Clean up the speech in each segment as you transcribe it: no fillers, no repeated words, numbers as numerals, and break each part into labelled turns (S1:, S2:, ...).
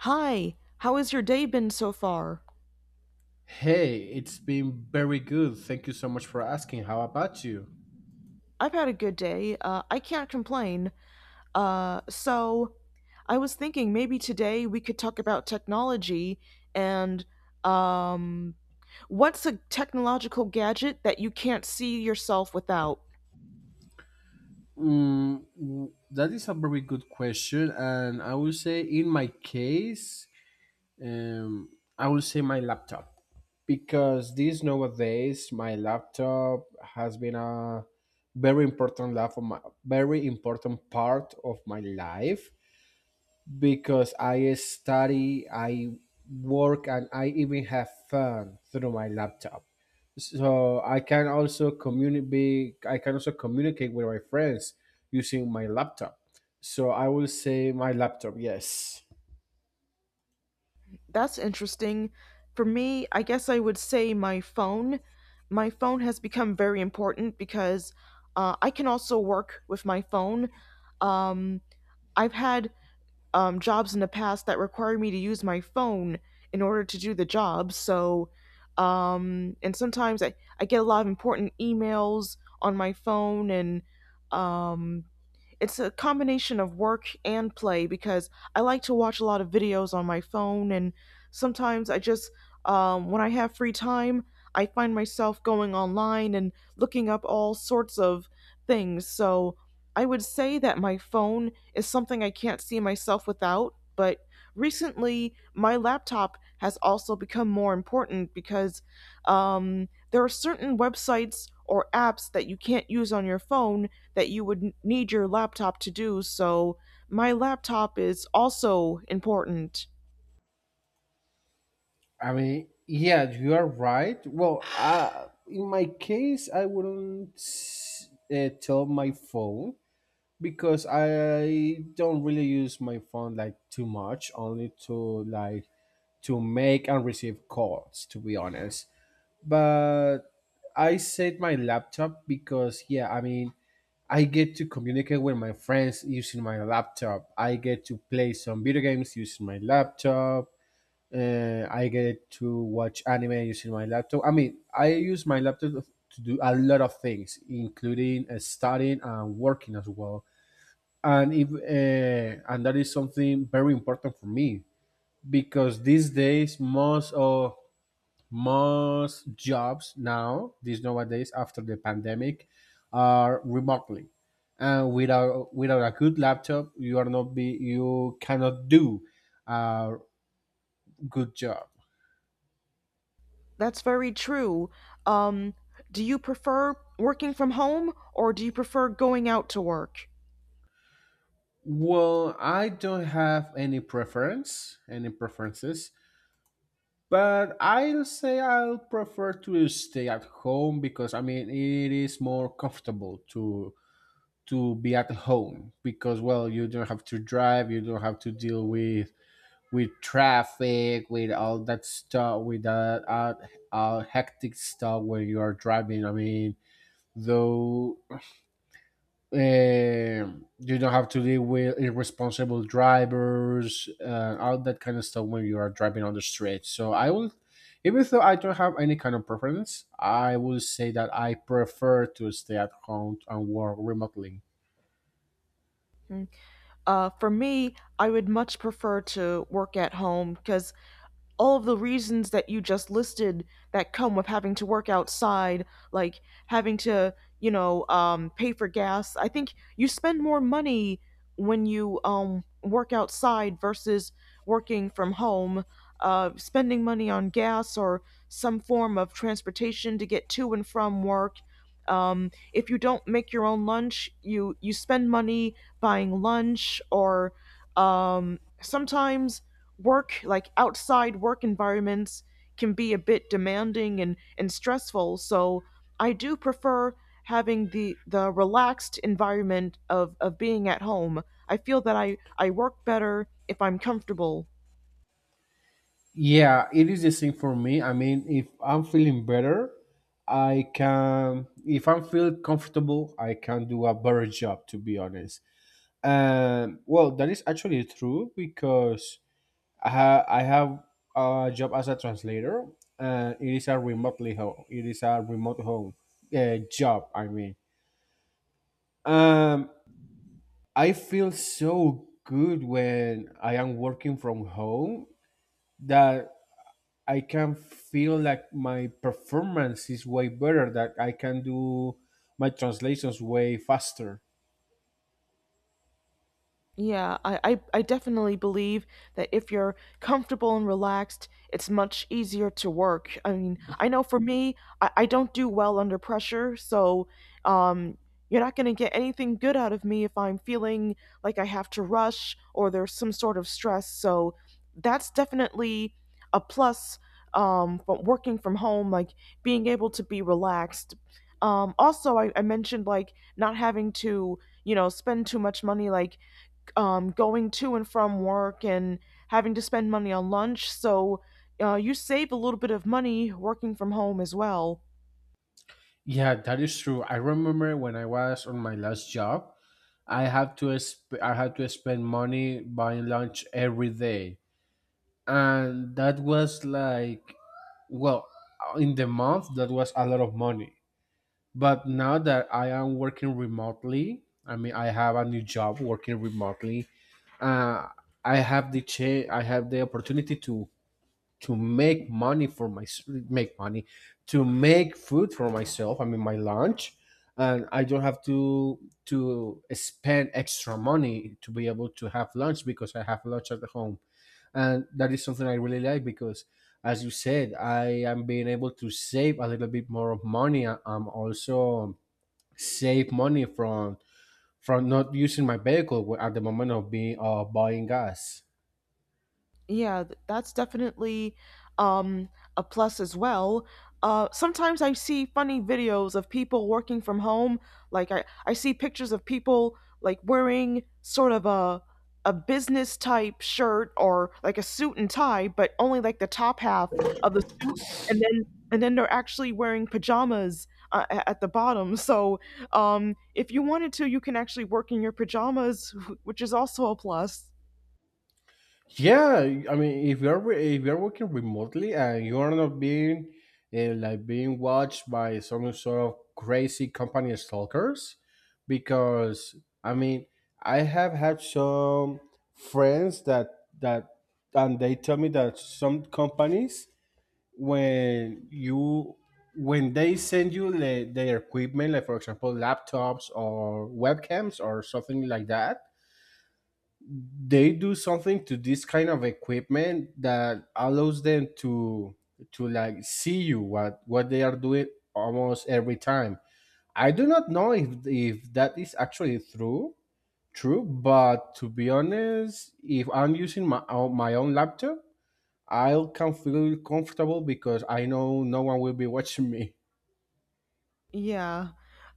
S1: Hi, how has your day been so far?
S2: Hey, it's been very good. Thank you so much for asking. How about you?
S1: I've had a good day. I can't complain. Uh, so, I was thinking maybe today we could talk about technology and um, what's a technological gadget that you can't see yourself without?
S2: That is a very good question, and I will say in my case, um, I will say my laptop because these nowadays my laptop has been a very important life of my very important part of my life because I study, I work, and I even have fun through my laptop. So I can also communicate. I can also communicate with my friends using my laptop. So I will say my laptop. Yes.
S1: That's interesting. For me, I guess I would say my phone. My phone has become very important because I can also work with my phone. Um, I've had jobs in the past that require me to use my phone in order to do the job. So, and sometimes I get a lot of important emails on my phone, and um, it's a combination of work and play because I like to watch a lot of videos on my phone, and sometimes I just, when I have free time, I find myself going online and looking up all sorts of things. So I would say that my phone is something I can't see myself without, but recently my laptop has also become more important because there are certain websites or apps that you can't use on your phone that you would need your laptop to do, so my laptop is also important.
S2: I mean, yeah, you are right. Well, in my case, I wouldn't tell my phone because I don't really use my phone like too much, only to like to make and receive calls, to be honest. But I said my laptop because yeah, I mean, I get to communicate with my friends using my laptop. I get to play some video games using my laptop. I get to watch anime using my laptop. I mean, I use my laptop to do a lot of things, including studying and working as well and if and that is something very important for me because these days most jobs now these nowadays after the pandemic are remotely and without a good laptop you are not be you cannot do a good job.
S1: That's very true. Um, do you prefer working from home or do you prefer going out to work?
S2: Well, I don't have any preference, any preferences. But I'll say I'll prefer to stay at home because I mean it is more comfortable to be at home because well you don't have to drive, you don't have to deal with traffic, with all that stuff, with that hectic stuff when you are driving. I mean, though uh, you don't have to deal with irresponsible drivers, all that kind of stuff when you are driving on the street. So I will, even though I don't have any kind of preference, I will say that I prefer to stay at home and work remotely.
S1: For me, I would much prefer to work at home because all of the reasons that you just listed that come with having to work outside, like having to, you know, pay for gas. I think you spend more money when you work outside versus working from home. Spending money on gas or some form of transportation to get to and from work. If you don't make your own lunch, you spend money buying lunch or sometimes work like outside work environments can be a bit demanding and stressful, so I do prefer having the relaxed environment of being at home. I feel that I work better if I'm comfortable.
S2: Yeah, it is the same for me. I mean, if I'm feeling better, I can. If I'm feel comfortable, I can do a better job. To be honest, well, that is actually true because I have a job as a translator, and it is a remotely home. It is a remote home job. I mean, um, I feel so good when I am working from home that I can feel like my performance is way better. That I can do my translations way faster.
S1: Yeah, I definitely believe that if you're comfortable and relaxed, it's much easier to work. I mean, I know for me, I don't do well under pressure, so um, you're not going to get anything good out of me if I'm feeling like I have to rush or there's some sort of stress. So that's definitely a plus, from working from home, like being able to be relaxed. Also, I mentioned like not having to, you know, spend too much money, like going to and from work and having to spend money on lunch. So you save a little bit of money working from home as well.
S2: Yeah, that is true. I remember when I was on my last job, I had to spend money buying lunch every day, and that was like well, in the month that was a lot of money. But now that I am working remotely, I mean I have a new job working remotely. Uh, I have the opportunity to make money for my make money to make food for myself, I mean my lunch, and I don't have to spend extra money to be able to have lunch because I have lunch at home, and that is something I really like because as you said I am being able to save a little bit more of money. I'm also save money from not using my vehicle at the moment of being buying gas.
S1: Yeah, that's definitely um, a plus as well. Sometimes I see funny videos of people working from home. Like I see pictures of people like wearing sort of a business type shirt or like a suit and tie, but only like the top half of the suit, and then and then they're actually wearing pajamas at the bottom. So if you wanted to, you can actually work in your pajamas, which is also a plus.
S2: Yeah, I mean, if you're working remotely and you are not being like being watched by some sort of crazy company stalkers, because I mean, I have had some friends that that and they tell me that some companies when you when they send you their equipment, like for example, laptops or webcams or something like that, they do something to this kind of equipment that allows them to like see you what they are doing almost every time. I do not know if that is actually true, but to be honest, if I'm using my own laptop, I'll can feel comfortable because I know no one will be watching me.
S1: Yeah,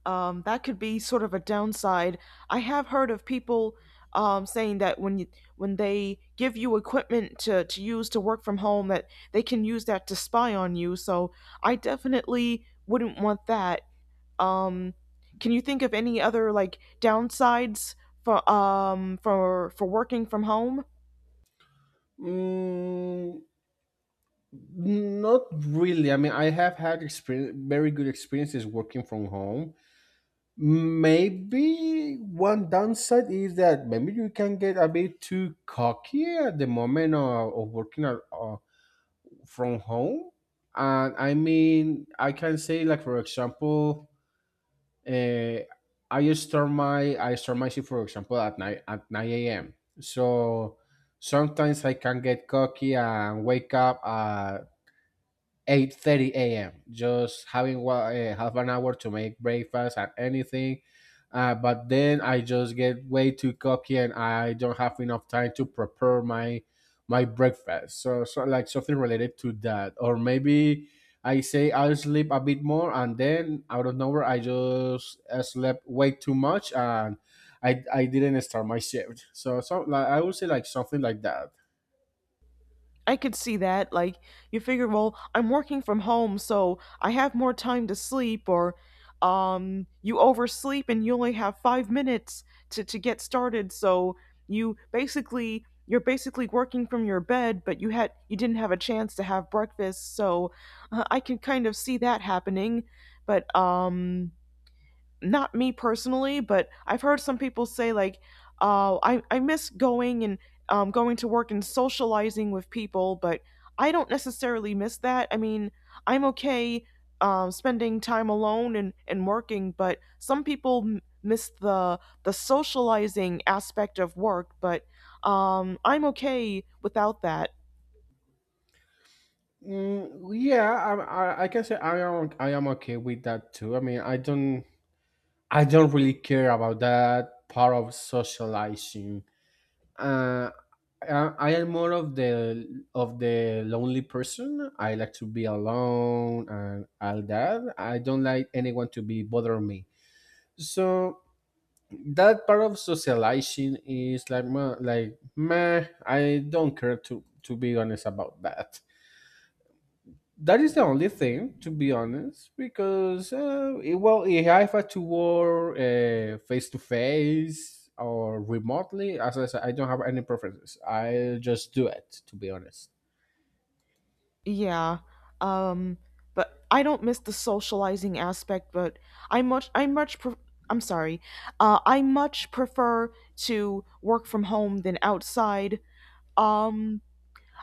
S1: that could be sort of a downside. I have heard of people saying that when when they give you equipment to use to work from home, that they can use that to spy on you. So I definitely wouldn't want that. Um, can you think of any other like downsides for working from home?
S2: Mm, Not really. I mean, I have had experience, very good experiences working from home. Maybe one downside is that maybe you can get a bit too cocky at the moment of working from home. And I mean, I can say like for example, uh, I start my shift for example at night at 9 a.m. So sometimes I can get cocky and wake up at 8:30 a.m. Just having half an hour to make breakfast and anything. But then I just get way too cocky and I don't have enough time to prepare my breakfast. So, like something related to that, or maybe I say I'll sleep a bit more and then out of nowhere I just slept way too much and I didn't start my shift. So like I would say like something like that.
S1: I could see that. Like, you figure, well, I'm working from home, so I have more time to sleep, or you oversleep and you only have 5 minutes to get started. So you're basically working from your bed, but you didn't have a chance to have breakfast. So I can kind of see that happening, but not me personally, but I've heard some people say like, "Oh, I miss going and going to work and socializing with people," but I don't necessarily miss that. I mean, I'm okay spending time alone and working, but some people miss the socializing aspect of work. But I'm okay without that.
S2: Mm, yeah, I can say I am okay with that too. I mean, I don't really care about that part of socializing. Uh, I, I am more of the lonely person. I like to be alone and all that. I don't like anyone to be bothering me. So that part of socializing is like meh, like meh. I don't care to be honest about that. That is the only thing, to be honest, because well, yeah, if I had to work face to face or remotely, as I said, I don't have any preferences. I just do it, to be honest.
S1: Yeah. Um, but I don't miss the socializing aspect, but I much I much pre- I'm sorry. I much prefer to work from home than outside. Um,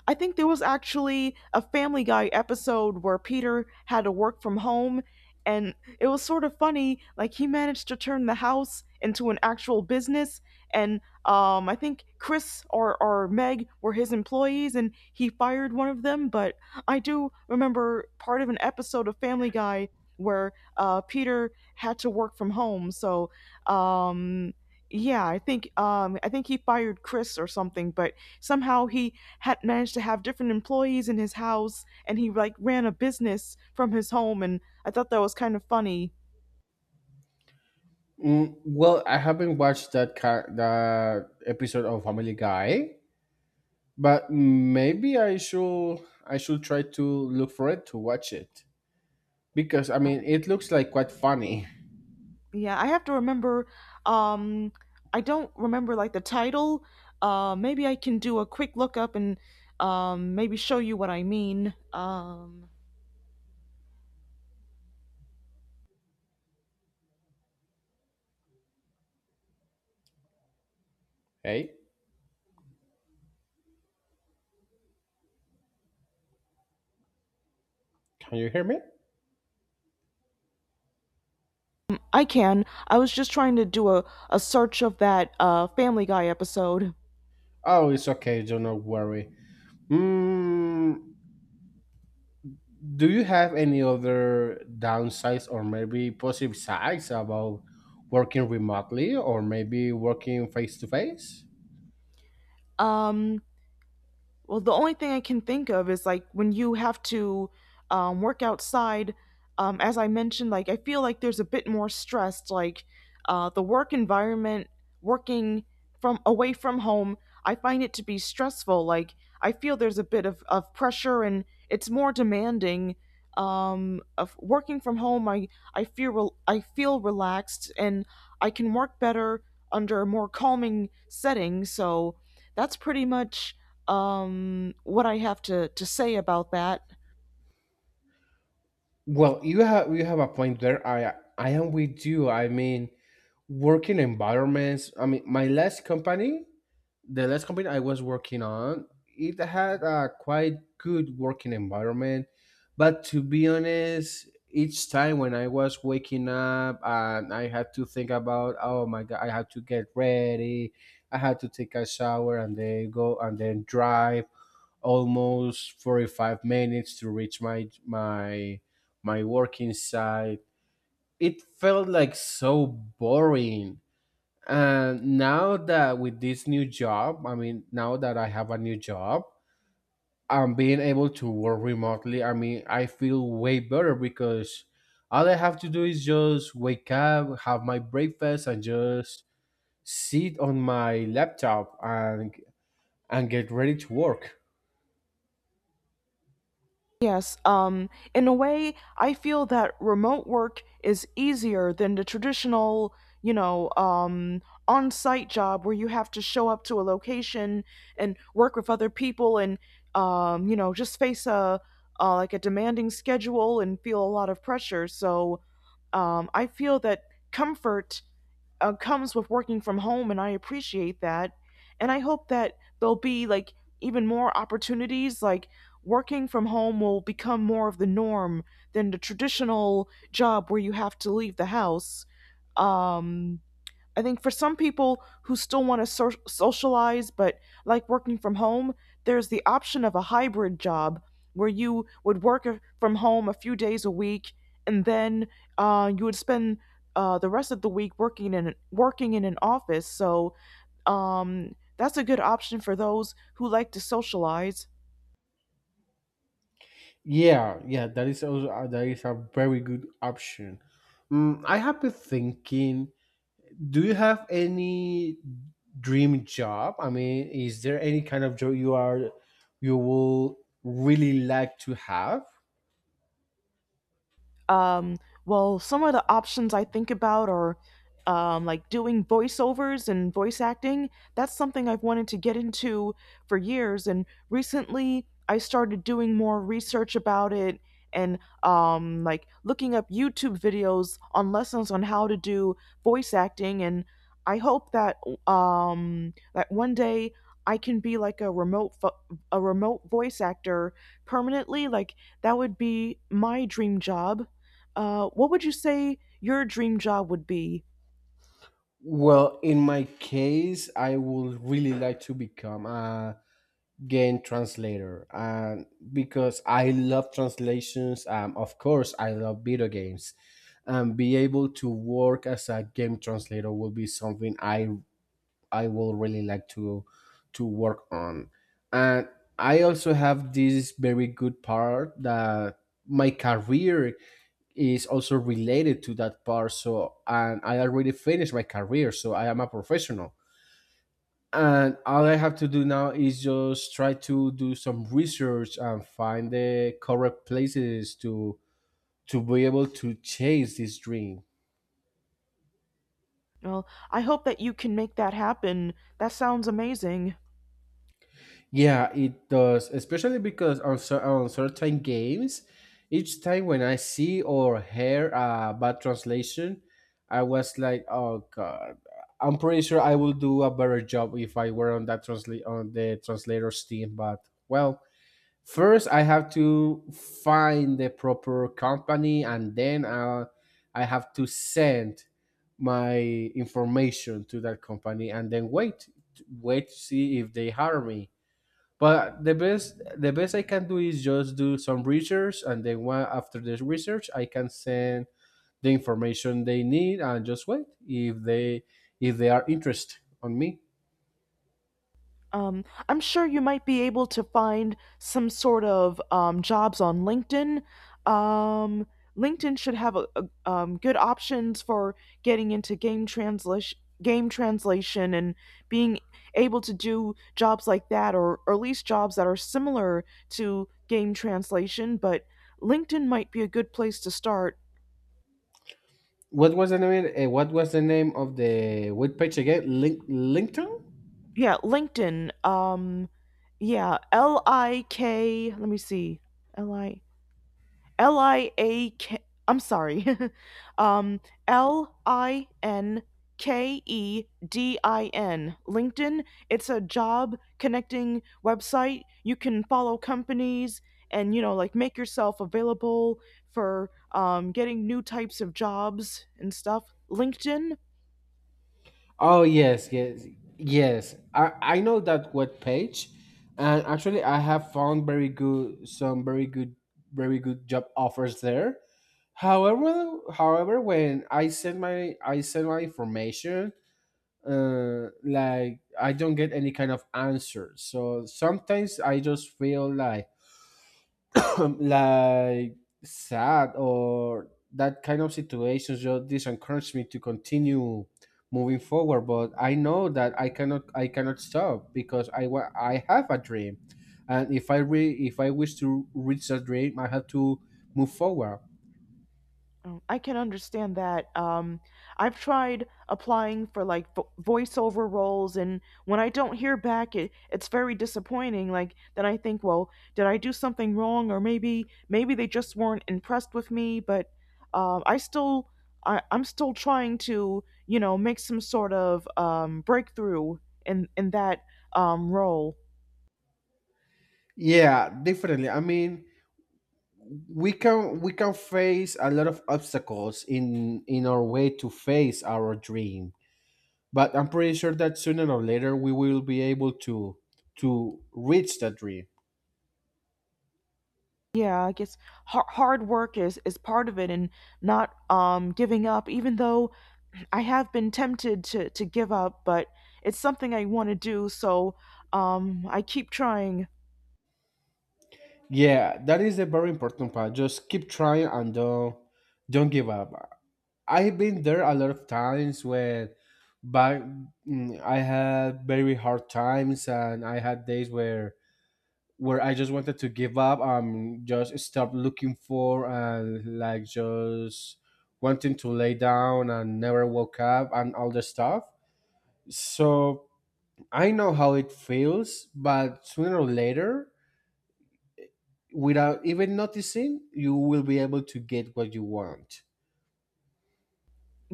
S1: I think there was actually a Family Guy episode where Peter had to work from home, and it was sort of funny. Like he managed to turn the house into an actual business, and I think Chris or Meg were his employees, and he fired one of them. But I do remember part of an episode of Family Guy where Peter had to work from home, so. Um, yeah, I think he fired Chris or something, but somehow he had managed to have different employees in his house, and he like ran a business from his home, and I thought that was kind of funny.
S2: Well, I haven't watched that that episode of Family Guy, but maybe I should try to look for it to watch it because I mean it looks like quite funny.
S1: Yeah, I have to remember um I don't remember like the title. Maybe I can do a quick lookup and maybe show you what I mean.
S2: Hey, can you hear me?
S1: I can. I was just trying to do a search of that Family Guy episode.
S2: Oh, it's okay. Do not worry. Mm, do you have any other downsides or maybe positive sides about working remotely or maybe working face to face?
S1: Um Well, the only thing I can think of is like when you have to work outside. As I mentioned, like I feel like there's a bit more stress. Like the work environment, working from away from home, I find it to be stressful. Like I feel there's a bit of pressure, and it's more demanding. Of working from home, I feel relaxed, and I can work better under a more calming setting. So that's pretty much what I have to say about that.
S2: Well, you have a point there. I am with you. I mean, working environments. I mean, my last company the last company I was working on, it had a quite good working environment. But to be honest, each time when I was waking up and I had to think about, oh my god, I had to get ready, I had to take a shower and then go and then drive almost 45 minutes to reach my working site. It felt like so boring, and now that with this new job, I mean, now that I have a new job, I'm being able to work remotely. I mean, I feel way better because all I have to do is just wake up, have my breakfast, and just sit on my laptop and get ready to work.
S1: Yes, in a way, I feel that remote work is easier than the traditional, you know, on site job where you have to show up to a location and work with other people, and you know, just face a like a demanding schedule and feel a lot of pressure. So I feel that comfort comes with working from home, and I appreciate that. And I hope that there'll be like even more opportunities. Like working from home will become more of the norm than the traditional job where you have to leave the house. Um, I think for some people who still want to socialize but like working from home, there's the option of a hybrid job where you would work from home a few days a week, and then you would spend the rest of the week working in an office. So that's a good option for those who like to socialize.
S2: Yeah, yeah, that is also that is a very good option. I have been thinking, do you have any dream job? I mean, is there any kind of job you will really like to have?
S1: Um, well, some of the options I think about are like doing voiceovers and voice acting. That's something I've wanted to get into for years, and recently I started doing more research about it, and like looking up YouTube videos on lessons on how to do voice acting. And I hope that that one day I can be like a remote voice actor permanently. Like that would be my dream job. What would you say your dream job would be?
S2: Well, in my case, I would really like to become a game translator, and because I love translations, of course, I love video games, and be able to work as a game translator will be something I will really like to work on. And I also have this very good part that my career is also related to that part. So and I already finished my career, so I am a professional. And all I have to do now is just try to do some research and find the correct places to be able to chase this dream.
S1: Well, I hope that you can make that happen. That sounds amazing.
S2: Yeah, it does, especially because on, on certain games, each time when I see or hear a bad translation, I was like, "Oh God, I'm pretty sure I will do a better job if I were on that translate on the translator's team." But well, first I have to find the proper company, and then I have to send my information to that company, and then wait to see if they hire me. But the best I can do is just do some research, and then one, after the research, I can send the information they need and just wait if they are interested on me.
S1: I'm sure you might be able to find some sort of jobs on LinkedIn. Um, LinkedIn should have good options for getting into game translation, and being able to do jobs like that, or at least jobs that are similar to game translation. But LinkedIn might be a good place to start.
S2: What was the name? What was the name of the web page again? LinkedIn.
S1: Yeah, LinkedIn. Yeah, L I K. Let me see. L I L I A K. I'm sorry. um, LinkedIn. LinkedIn. It's a job connecting website. You can follow companies, and you know like make yourself available for getting new types of jobs and stuff. LinkedIn.
S2: Oh yes, yes, yes. I know that web page, and actually I have found very good some very good very good job offers there. However, when I send my information, like I don't get any kind of answer. So sometimes I just feel like like sad or that kind of situations just disencourage me to continue moving forward, but I know that I cannot stop because I have a dream. And if I wish to reach that dream, I have to move forward.
S1: Oh, I can understand that. I've tried applying for like voiceover roles, and when I don't hear back, it it's very disappointing. Like then I think, well, did I do something wrong, or maybe they just weren't impressed with me. But I still I'm still trying to you know make some sort of breakthrough in that role.
S2: Yeah, definitely, I mean, we can face a lot of obstacles in our way to face our dream, but I'm pretty sure that sooner or later we will be able to reach that dream.
S1: Yeah, I guess hard work is part of it, and not giving up, even though. I have been tempted to give up, but it's something I want to do, so I keep trying.
S2: Yeah, that is a very important part. Just keep trying and don't give up. I've been there a lot of times when back, I had very hard times, and I had days where I just wanted to give up, just stop looking for, and, like, just wanting to lay down and never woke up and all the stuff. So I know how it feels, but sooner or later, without even noticing, you will be able to get what you want.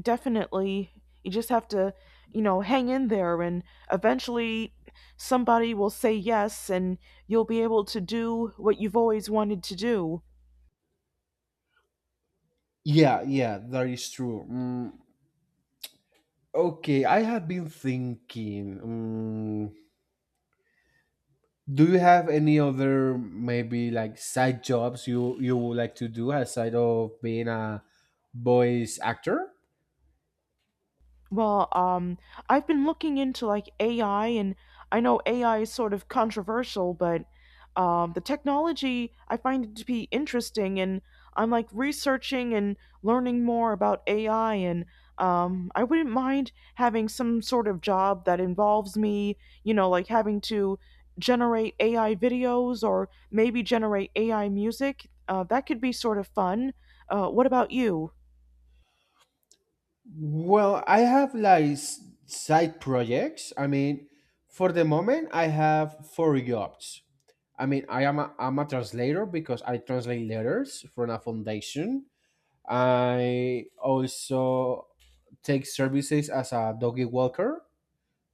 S1: Definitely, you just have to, you know, hang in there, and eventually somebody will say yes, and you'll be able to do what you've always wanted to do.
S2: Yeah, yeah, that is true. Mm, okay, I have been thinking. Do you have any other, maybe like, side jobs you would like to do aside of being a voice actor?
S1: Well, um, I've been looking into like AI, and I know AI is sort of controversial, but the technology I find it to be interesting, and I'm like researching and learning more about AI, and I wouldn't mind having some sort of job that involves me, you know, like having to generate AI videos or maybe generate AI music. That could be sort of fun. What about you?
S2: Well, I have, like, side projects. I mean, for the moment, I have four jobs. I mean, I'm a translator because I translate letters from a foundation. I also take services as a doggy walker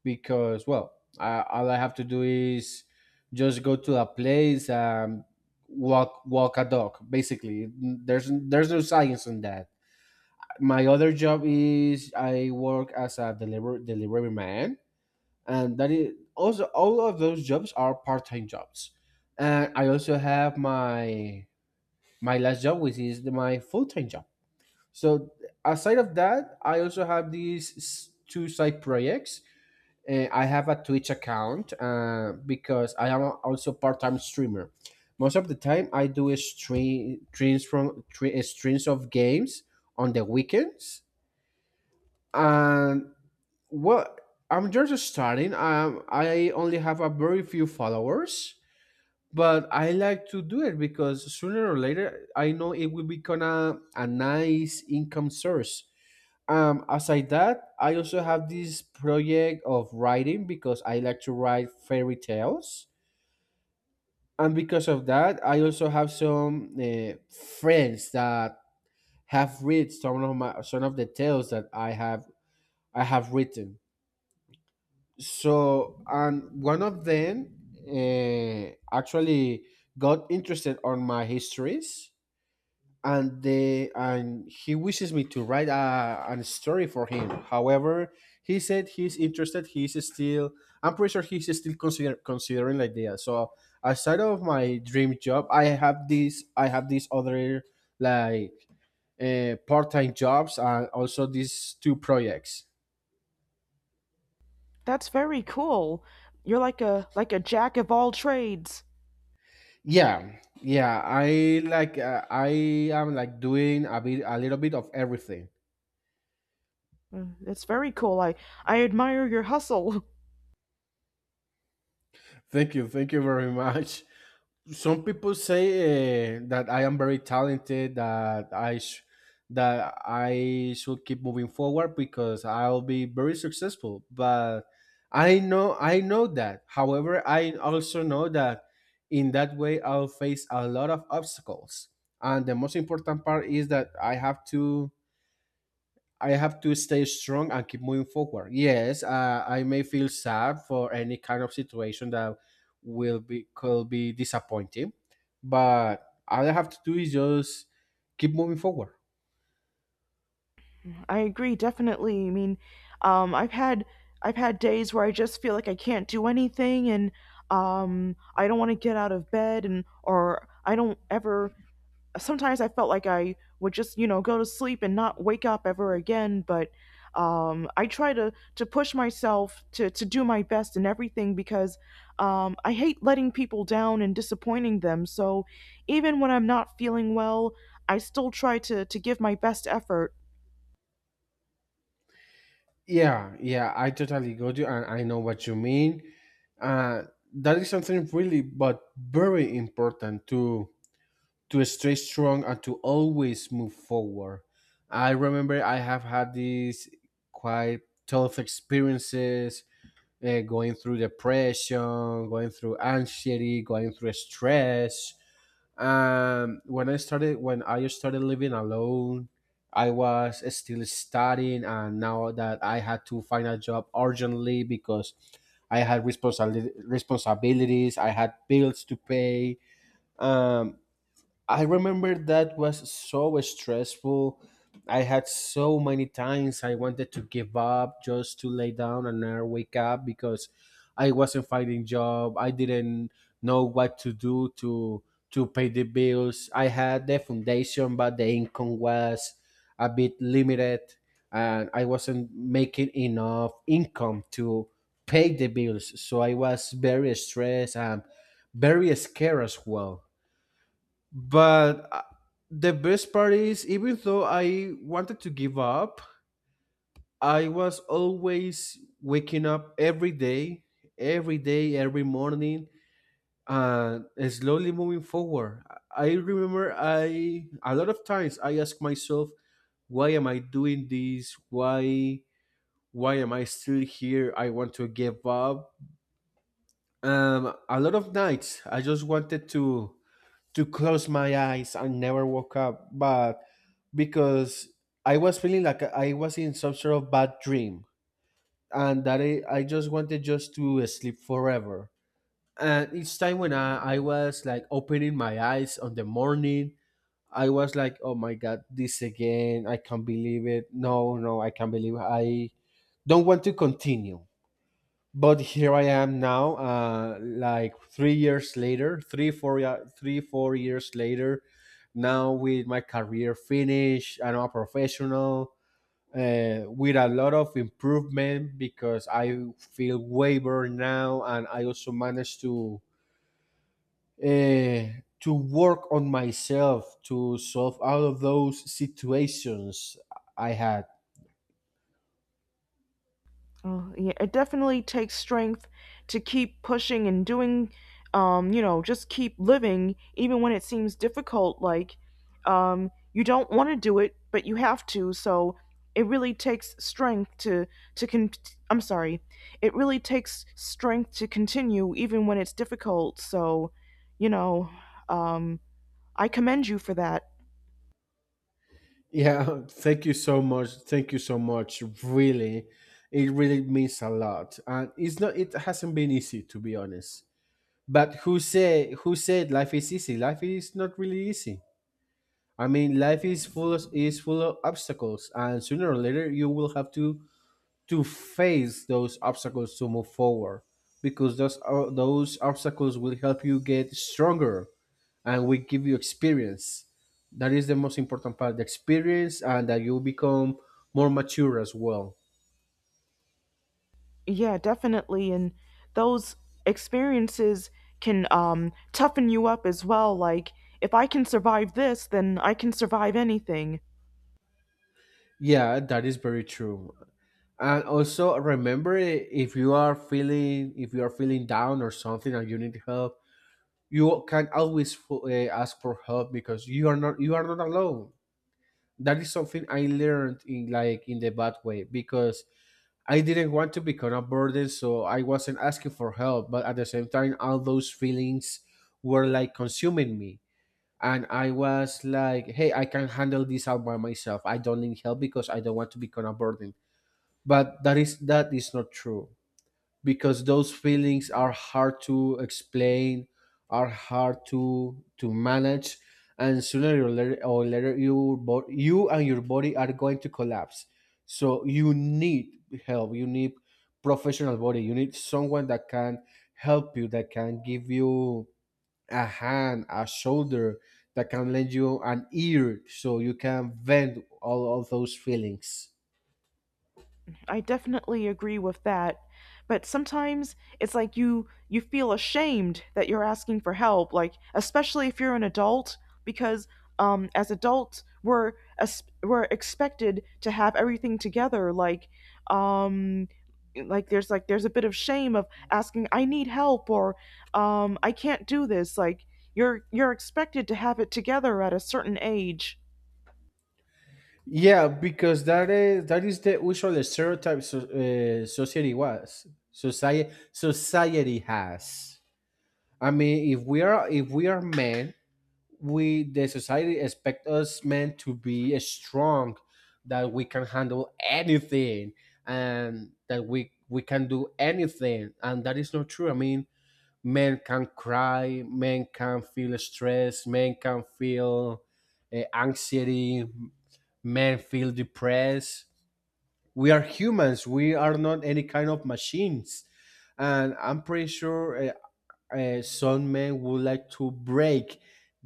S2: because, well, I, all I have to do is just go to a place and walk a dog. Basically, there's no science in that. My other job is I work as a delivery man, and that is also, all of those jobs are part time jobs. And I also have my my last job, which is my full time job. So aside of that, I also have these two side projects. I have a Twitch account, because I am also part time streamer. Most of the time, I do a stream streams streams of games on the weekends. And, well, I'm just starting. I only have a very few followers, but I like to do it because sooner or later I know it will become a nice income source. Aside that, I also have this project of writing because I like to write fairy tales, and because of that, I also have some friends that have read some of my some of the tales that I have written. So, and one of them, uh, actually, got interested on my histories, and he wishes me to write a story for him. However, he said he's interested. He's still, I'm pretty sure he's still considering the idea. So, aside of my dream job, I have these other, like, part-time jobs, and also these two projects.
S1: That's very cool. You're like a jack of all trades.
S2: Yeah, yeah, I like. I am, like, doing a little bit of everything.
S1: Mm, that's very cool. I admire your hustle.
S2: Thank you very much. Some people say, that I am very talented, that that I should keep moving forward because I'll be very successful. But I know that. However, I also know that in that way I'll face a lot of obstacles. And the most important part is that I have to stay strong and keep moving forward. Yes, I may feel sad for any kind of situation that will be could be disappointing, but all I have to do is just keep moving forward.
S1: I agree, definitely. I mean, um I've had I've had days where I just feel like I can't do anything, and I don't want to get out of bed, and or I don't ever sometimes I felt like I would just, you know, go to sleep and not wake up ever again. But I try to push myself to do my best in everything because I hate letting people down and disappointing them. So even when I'm not feeling well, I still try to give my best effort.
S2: Yeah, yeah, I totally got you, and I know what you mean. Uh, that is something really, but very important, to stay strong and to always move forward. I remember I have had these quite tough experiences, going through depression, going through anxiety, going through stress. When I started living alone, I was still studying, and now that I had to find a job urgently because I had responsibilities, I had bills to pay. Um, I remember that was so stressful. I had so many times I wanted to give up, just to lay down and never wake up, because I wasn't finding job. I didn't know what to do to pay the bills. I had the foundation, but the income was a bit limited and I wasn't making enough income to pay the bills. So I was very stressed and very scared as well. But, the best part is, even though I wanted to give up, I was always waking up every day, every day, every morning, and slowly moving forward. I remember I a lot of times I ask myself, why am I doing this? Why am I still here? I want to give up. A lot of nights I just wanted to close my eyes and never woke up, but because I was feeling like I was in some sort of bad dream, and that I just wanted just to sleep forever. And each time when I was like opening my eyes on the morning, I was like, oh my God, this again. I can't believe it. No, no, I can't believe it. I don't want to continue, but here I am now, like 3 years later, three four years later, now with my career finished. I'm a professional, with a lot of improvement because I feel way better now, and I also managed to, to work on myself to solve all of those situations I had.
S1: Oh, yeah, it definitely takes strength to keep pushing and doing, you know, just keep living, even when it seems difficult. Like, you don't want to do it, but you have to. So it really takes strength to con. I'm sorry, it really takes strength to continue, even when it's difficult. So, you know, um, I commend you for that.
S2: Yeah, thank you so much. Thank you so much. Really, it really means a lot, and it's not, it hasn't been easy, to be honest. But who said life is easy? Life is not really easy. I mean, life is full of obstacles, and sooner or later you will have to face those obstacles to move forward, because those obstacles will help you get stronger and will give you experience. That is the most important part, the experience, and that you become more mature as well.
S1: Yeah, definitely. And those experiences can, toughen you up as well. Like, if I can survive this, then I can survive anything.
S2: Yeah, that is very true. And also remember, if you are feeling, down or something, and you need help, you can always, ask for help, because you are not alone. That is something I learned in, like, in the bad way, because I didn't want to become a burden, so I wasn't asking for help. But at the same time, all those feelings were like consuming me. And I was like, hey, I can handle this all by myself. I don't need help because I don't want to become a burden. But that is, that is not true, because those feelings are hard to explain, are hard to manage, and sooner or later, you and your body are going to collapse. So you need help, you need professional body, you need someone that can help you, that can give you a hand, a shoulder, that can lend you an ear, so you can vent all of those feelings.
S1: I definitely agree with that. But sometimes it's like you feel ashamed that you're asking for help, like especially if you're an adult, because as adults we're expected to have everything together. Like, um, there's a bit of shame of asking I need help, or I can't do this. Like you're expected to have it together at a certain age.
S2: Yeah, because that is, that is the usual stereotype, so, society was society society has. I mean, if we are men, we, the society expect us men to be strong, that we can handle anything, and that we can do anything, and that is not true. I mean, men can cry, men can feel stress, men can feel, anxiety, men feel depressed. We are humans. We are not any kind of machines. And I'm pretty sure, some men would like to break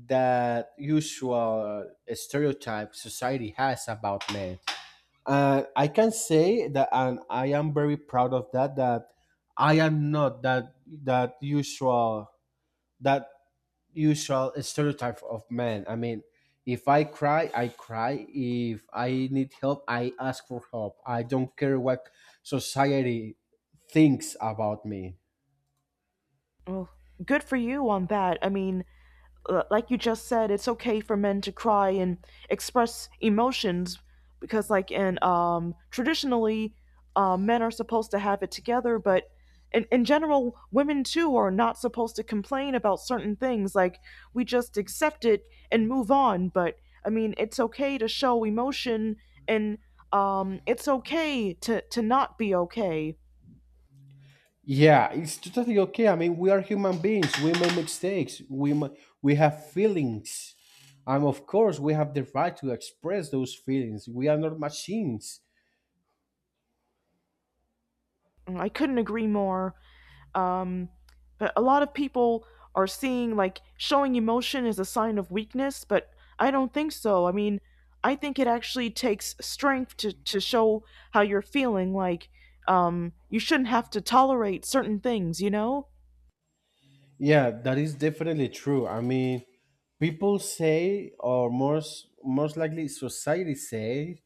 S2: that usual, stereotype society has about men. I can say that, and I am very proud of that, that I am not that that usual that usual stereotype of men. I mean, if I cry, I cry. If I need help, I ask for help. I don't care what society thinks about me.
S1: Well, good for you on that. I mean, like you just said, it's okay for men to cry and express emotions because, like, in traditionally, men are supposed to have it together, but in general, women too are not supposed to complain about certain things. Like, we just accept it and move on. But I mean, it's okay to show emotion, and it's okay to not be okay.
S2: Yeah, it's totally okay. I mean, we are human beings. We make mistakes. We have feelings, and, of course, we have the right to express those feelings. We are not machines.
S1: I couldn't agree more. Um, but a lot of people are seeing like showing emotion as a sign of weakness, but I don't think so. I mean, I think it actually takes strength to show how you're feeling. Like, you shouldn't have to tolerate certain things, you know?
S2: Yeah, that is definitely true. I mean, people say, or most likely, society say,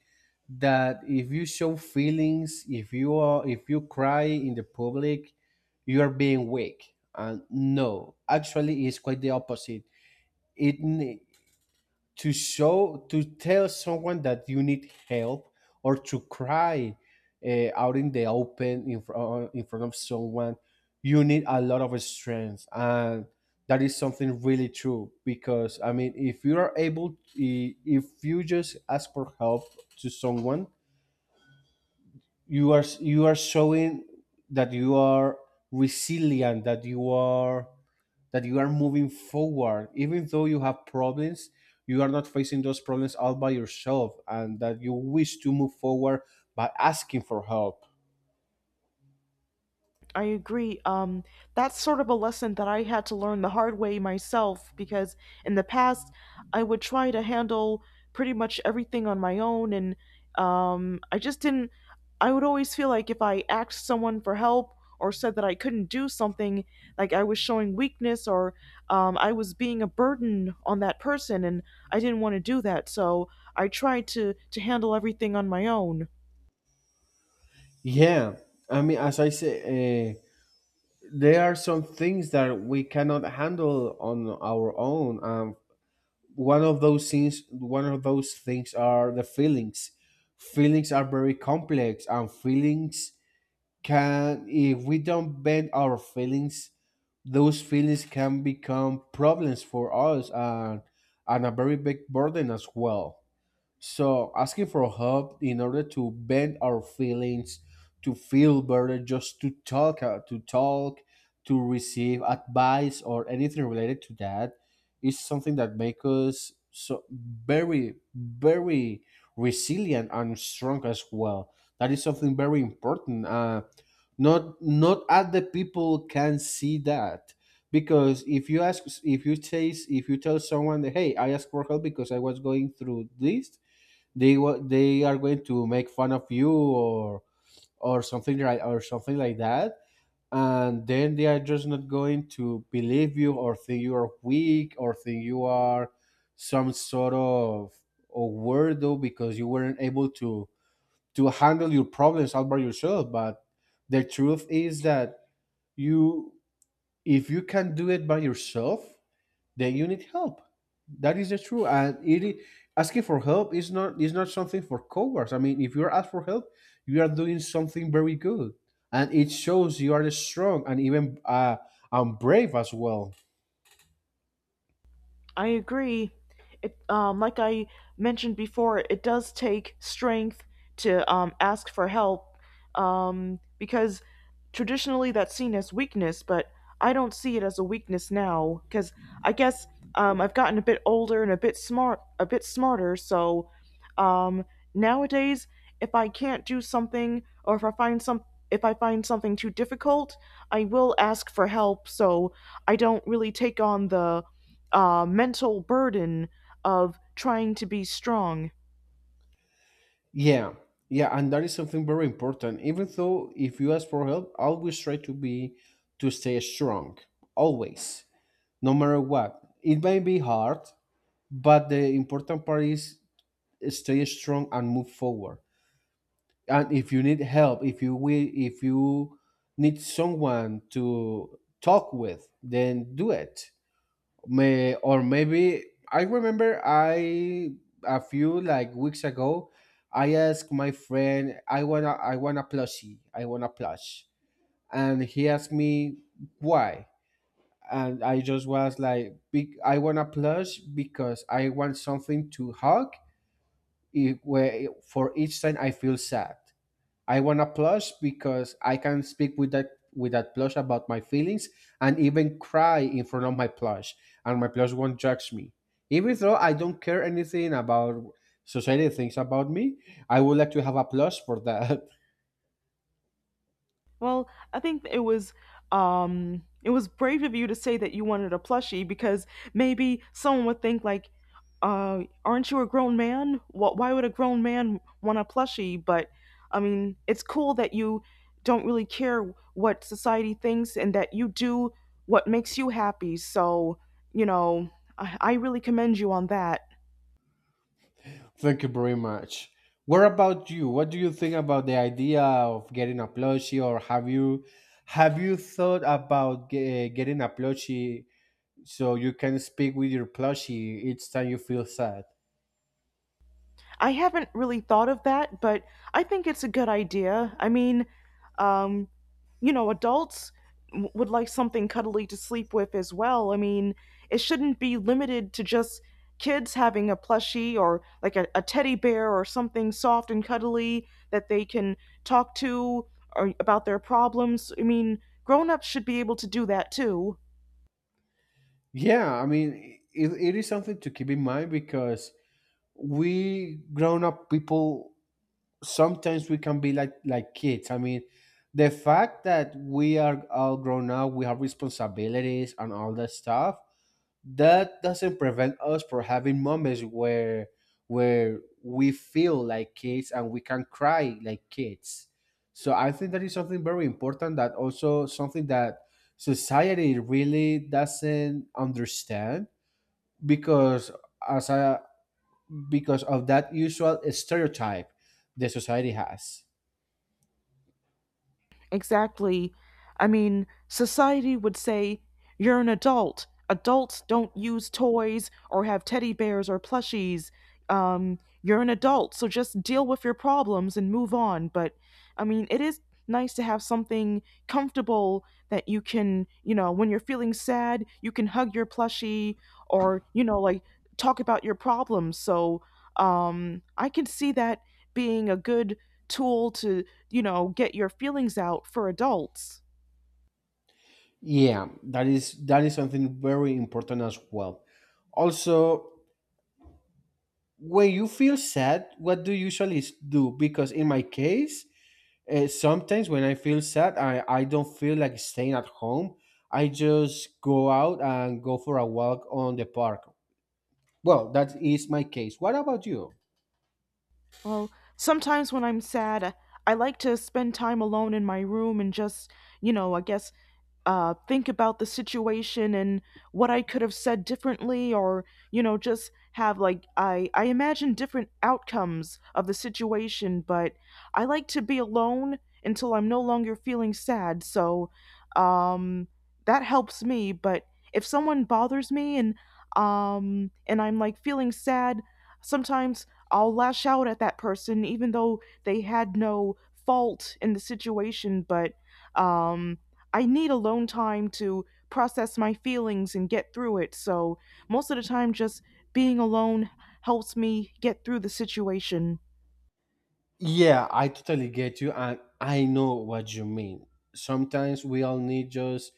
S2: that if you show feelings, if you cry in the public, you are being weak. And no, actually, it's quite the opposite. It ne- to show to tell someone that you need help, or to cry, out in the open, in front of someone, you need a lot of strength and. That is something really true because I mean, if you are able, if you just ask for help to someone, you are showing that you are resilient, that you are, that you are moving forward even though you have problems. You are not facing those problems all by yourself, and that you wish to move forward by asking for help.
S1: I agree. That's sort of a lesson that I had to learn the hard way myself because in the past I would try to handle pretty much everything on my own, and I just didn't. I would always feel like if I asked someone for help or said that I couldn't do something, like I was showing weakness, or I was being a burden on that person, and I didn't want to do that. So I tried to handle everything on my own.
S2: Yeah, I mean, as I say, there are some things that we cannot handle on our own. One of those things are the feelings. Feelings are very complex, and feelings can, if we don't bend our feelings, those feelings can become problems for us, and a very big burden as well. So asking for help in order to bend our feelings, to feel better, just to talk, to talk, to receive advice or anything related to that, is something that makes us so very, very resilient and strong as well. That is something very important. Not not other people can see that, because if you ask, if you tell someone that, hey, I asked for help because I was going through this, they are going to make fun of you, or or something like that, and then they are just not going to believe you, or think you are weak, or think you are some sort of a weirdo because you weren't able to handle your problems all by yourself. But the truth is that you, if you can do it by yourself, then you need help. That is the truth. Asking for help is not, is not something for cowards. I mean, if you're asked for help, you are doing something very good, and it shows you are strong and even, and brave as well.
S1: I agree. It, I mentioned before, it does take strength to ask for help because traditionally that's seen as weakness, but I don't see it as a weakness now cuz I guess I've gotten a bit older and a bit smarter, so um nowadays if I can't do something, or if I find something too difficult, I will ask for help, so I don't really take on the mental burden of trying to be strong.
S2: Yeah, yeah, and that is something very important. Even though if you ask for help, always try to be, to stay strong. Always, no matter what. It may be hard, but the important part is stay strong and move forward. And if you need help, if you need someone to talk with, then do it. May, or maybe, I remember I, a few like weeks ago, I asked my friend, I want to, I want a plushie, I want a plush. And he asked me why, and I just was like, "Be- I want a plush because I want something to hug if, where, for each time I feel sad. I want a plush because I can speak with that, with that plush about my feelings and even cry in front of my plush, and my plush won't judge me. Even though I don't care anything about society thinks about me, I would like to have a plush for that.
S1: Well, I think it was brave of you to say that you wanted a plushie because maybe someone would think like, "Aren't you a grown man? Why would a grown man want a plushie?" But I mean, it's cool that you don't really care what society thinks and that you do what makes you happy. So you know, I really commend you on that.
S2: Thank you very much. What about you? What do you think about the idea of getting a plushie, or have you, thought about getting a plushie so you can speak with your plushie each time you feel sad?
S1: I haven't really thought of that, but I think it's a good idea. I mean, um, you know, adults would like something cuddly to sleep with as well. I mean, it shouldn't be limited to just kids having a plushie, or like a teddy bear or something soft and cuddly that they can talk to or about their problems. I mean, grown ups should be able to do that too.
S2: Yeah, I mean, it is something to keep in mind because we grown up people, sometimes we can be like kids. I mean, the fact that we are all grown up, we have responsibilities and all that stuff, that doesn't prevent us from having moments where we feel like kids and we can cry like kids. So I think that is something very important, that also something that society really doesn't understand, because as a, because of that usual stereotype the society has.
S1: Exactly. I mean, society would say, you're an adult. Adults don't use toys or have teddy bears or plushies. You're an adult, so just deal with your problems and move on. But, I mean, it is nice to have something comfortable that you can, you know, when you're feeling sad, you can hug your plushie, or, you know, like talk about your problems. So, I can see that being a good tool to, you know, get your feelings out for adults.
S2: Yeah, that is, that is something very important as well. Also, when you feel sad, what do you usually do? Because in my case, sometimes when I feel sad, I don't feel like staying at home. I just go out and go for a walk on the park. Well, that is my case. What about you?
S1: Well, sometimes when I'm sad, I like to spend time alone in my room and just, you know, I guess think about the situation and what I could have said differently, or you know, just have like I imagine different outcomes of the situation. But I like to be alone until I'm no longer feeling sad. So, um, that helps me. But if someone bothers me and I'm like feeling sad, sometimes I'll lash out at that person even though they had no fault in the situation, but um I need alone time to process my feelings and get through it. So, most of the time, just being alone helps me get through the situation.
S2: Yeah, I totally get you, and I know what you mean. Sometimes we all need just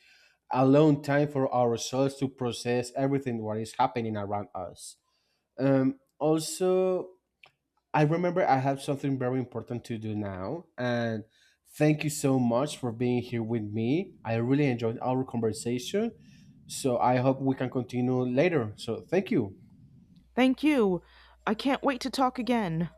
S2: alone time for ourselves to process everything what is happening around us. Also, I remember I have something very important to do now, and thank you so much for being here with me. I really enjoyed our conversation, so I hope we can continue later. So, thank you.
S1: Thank you. I can't wait to talk again.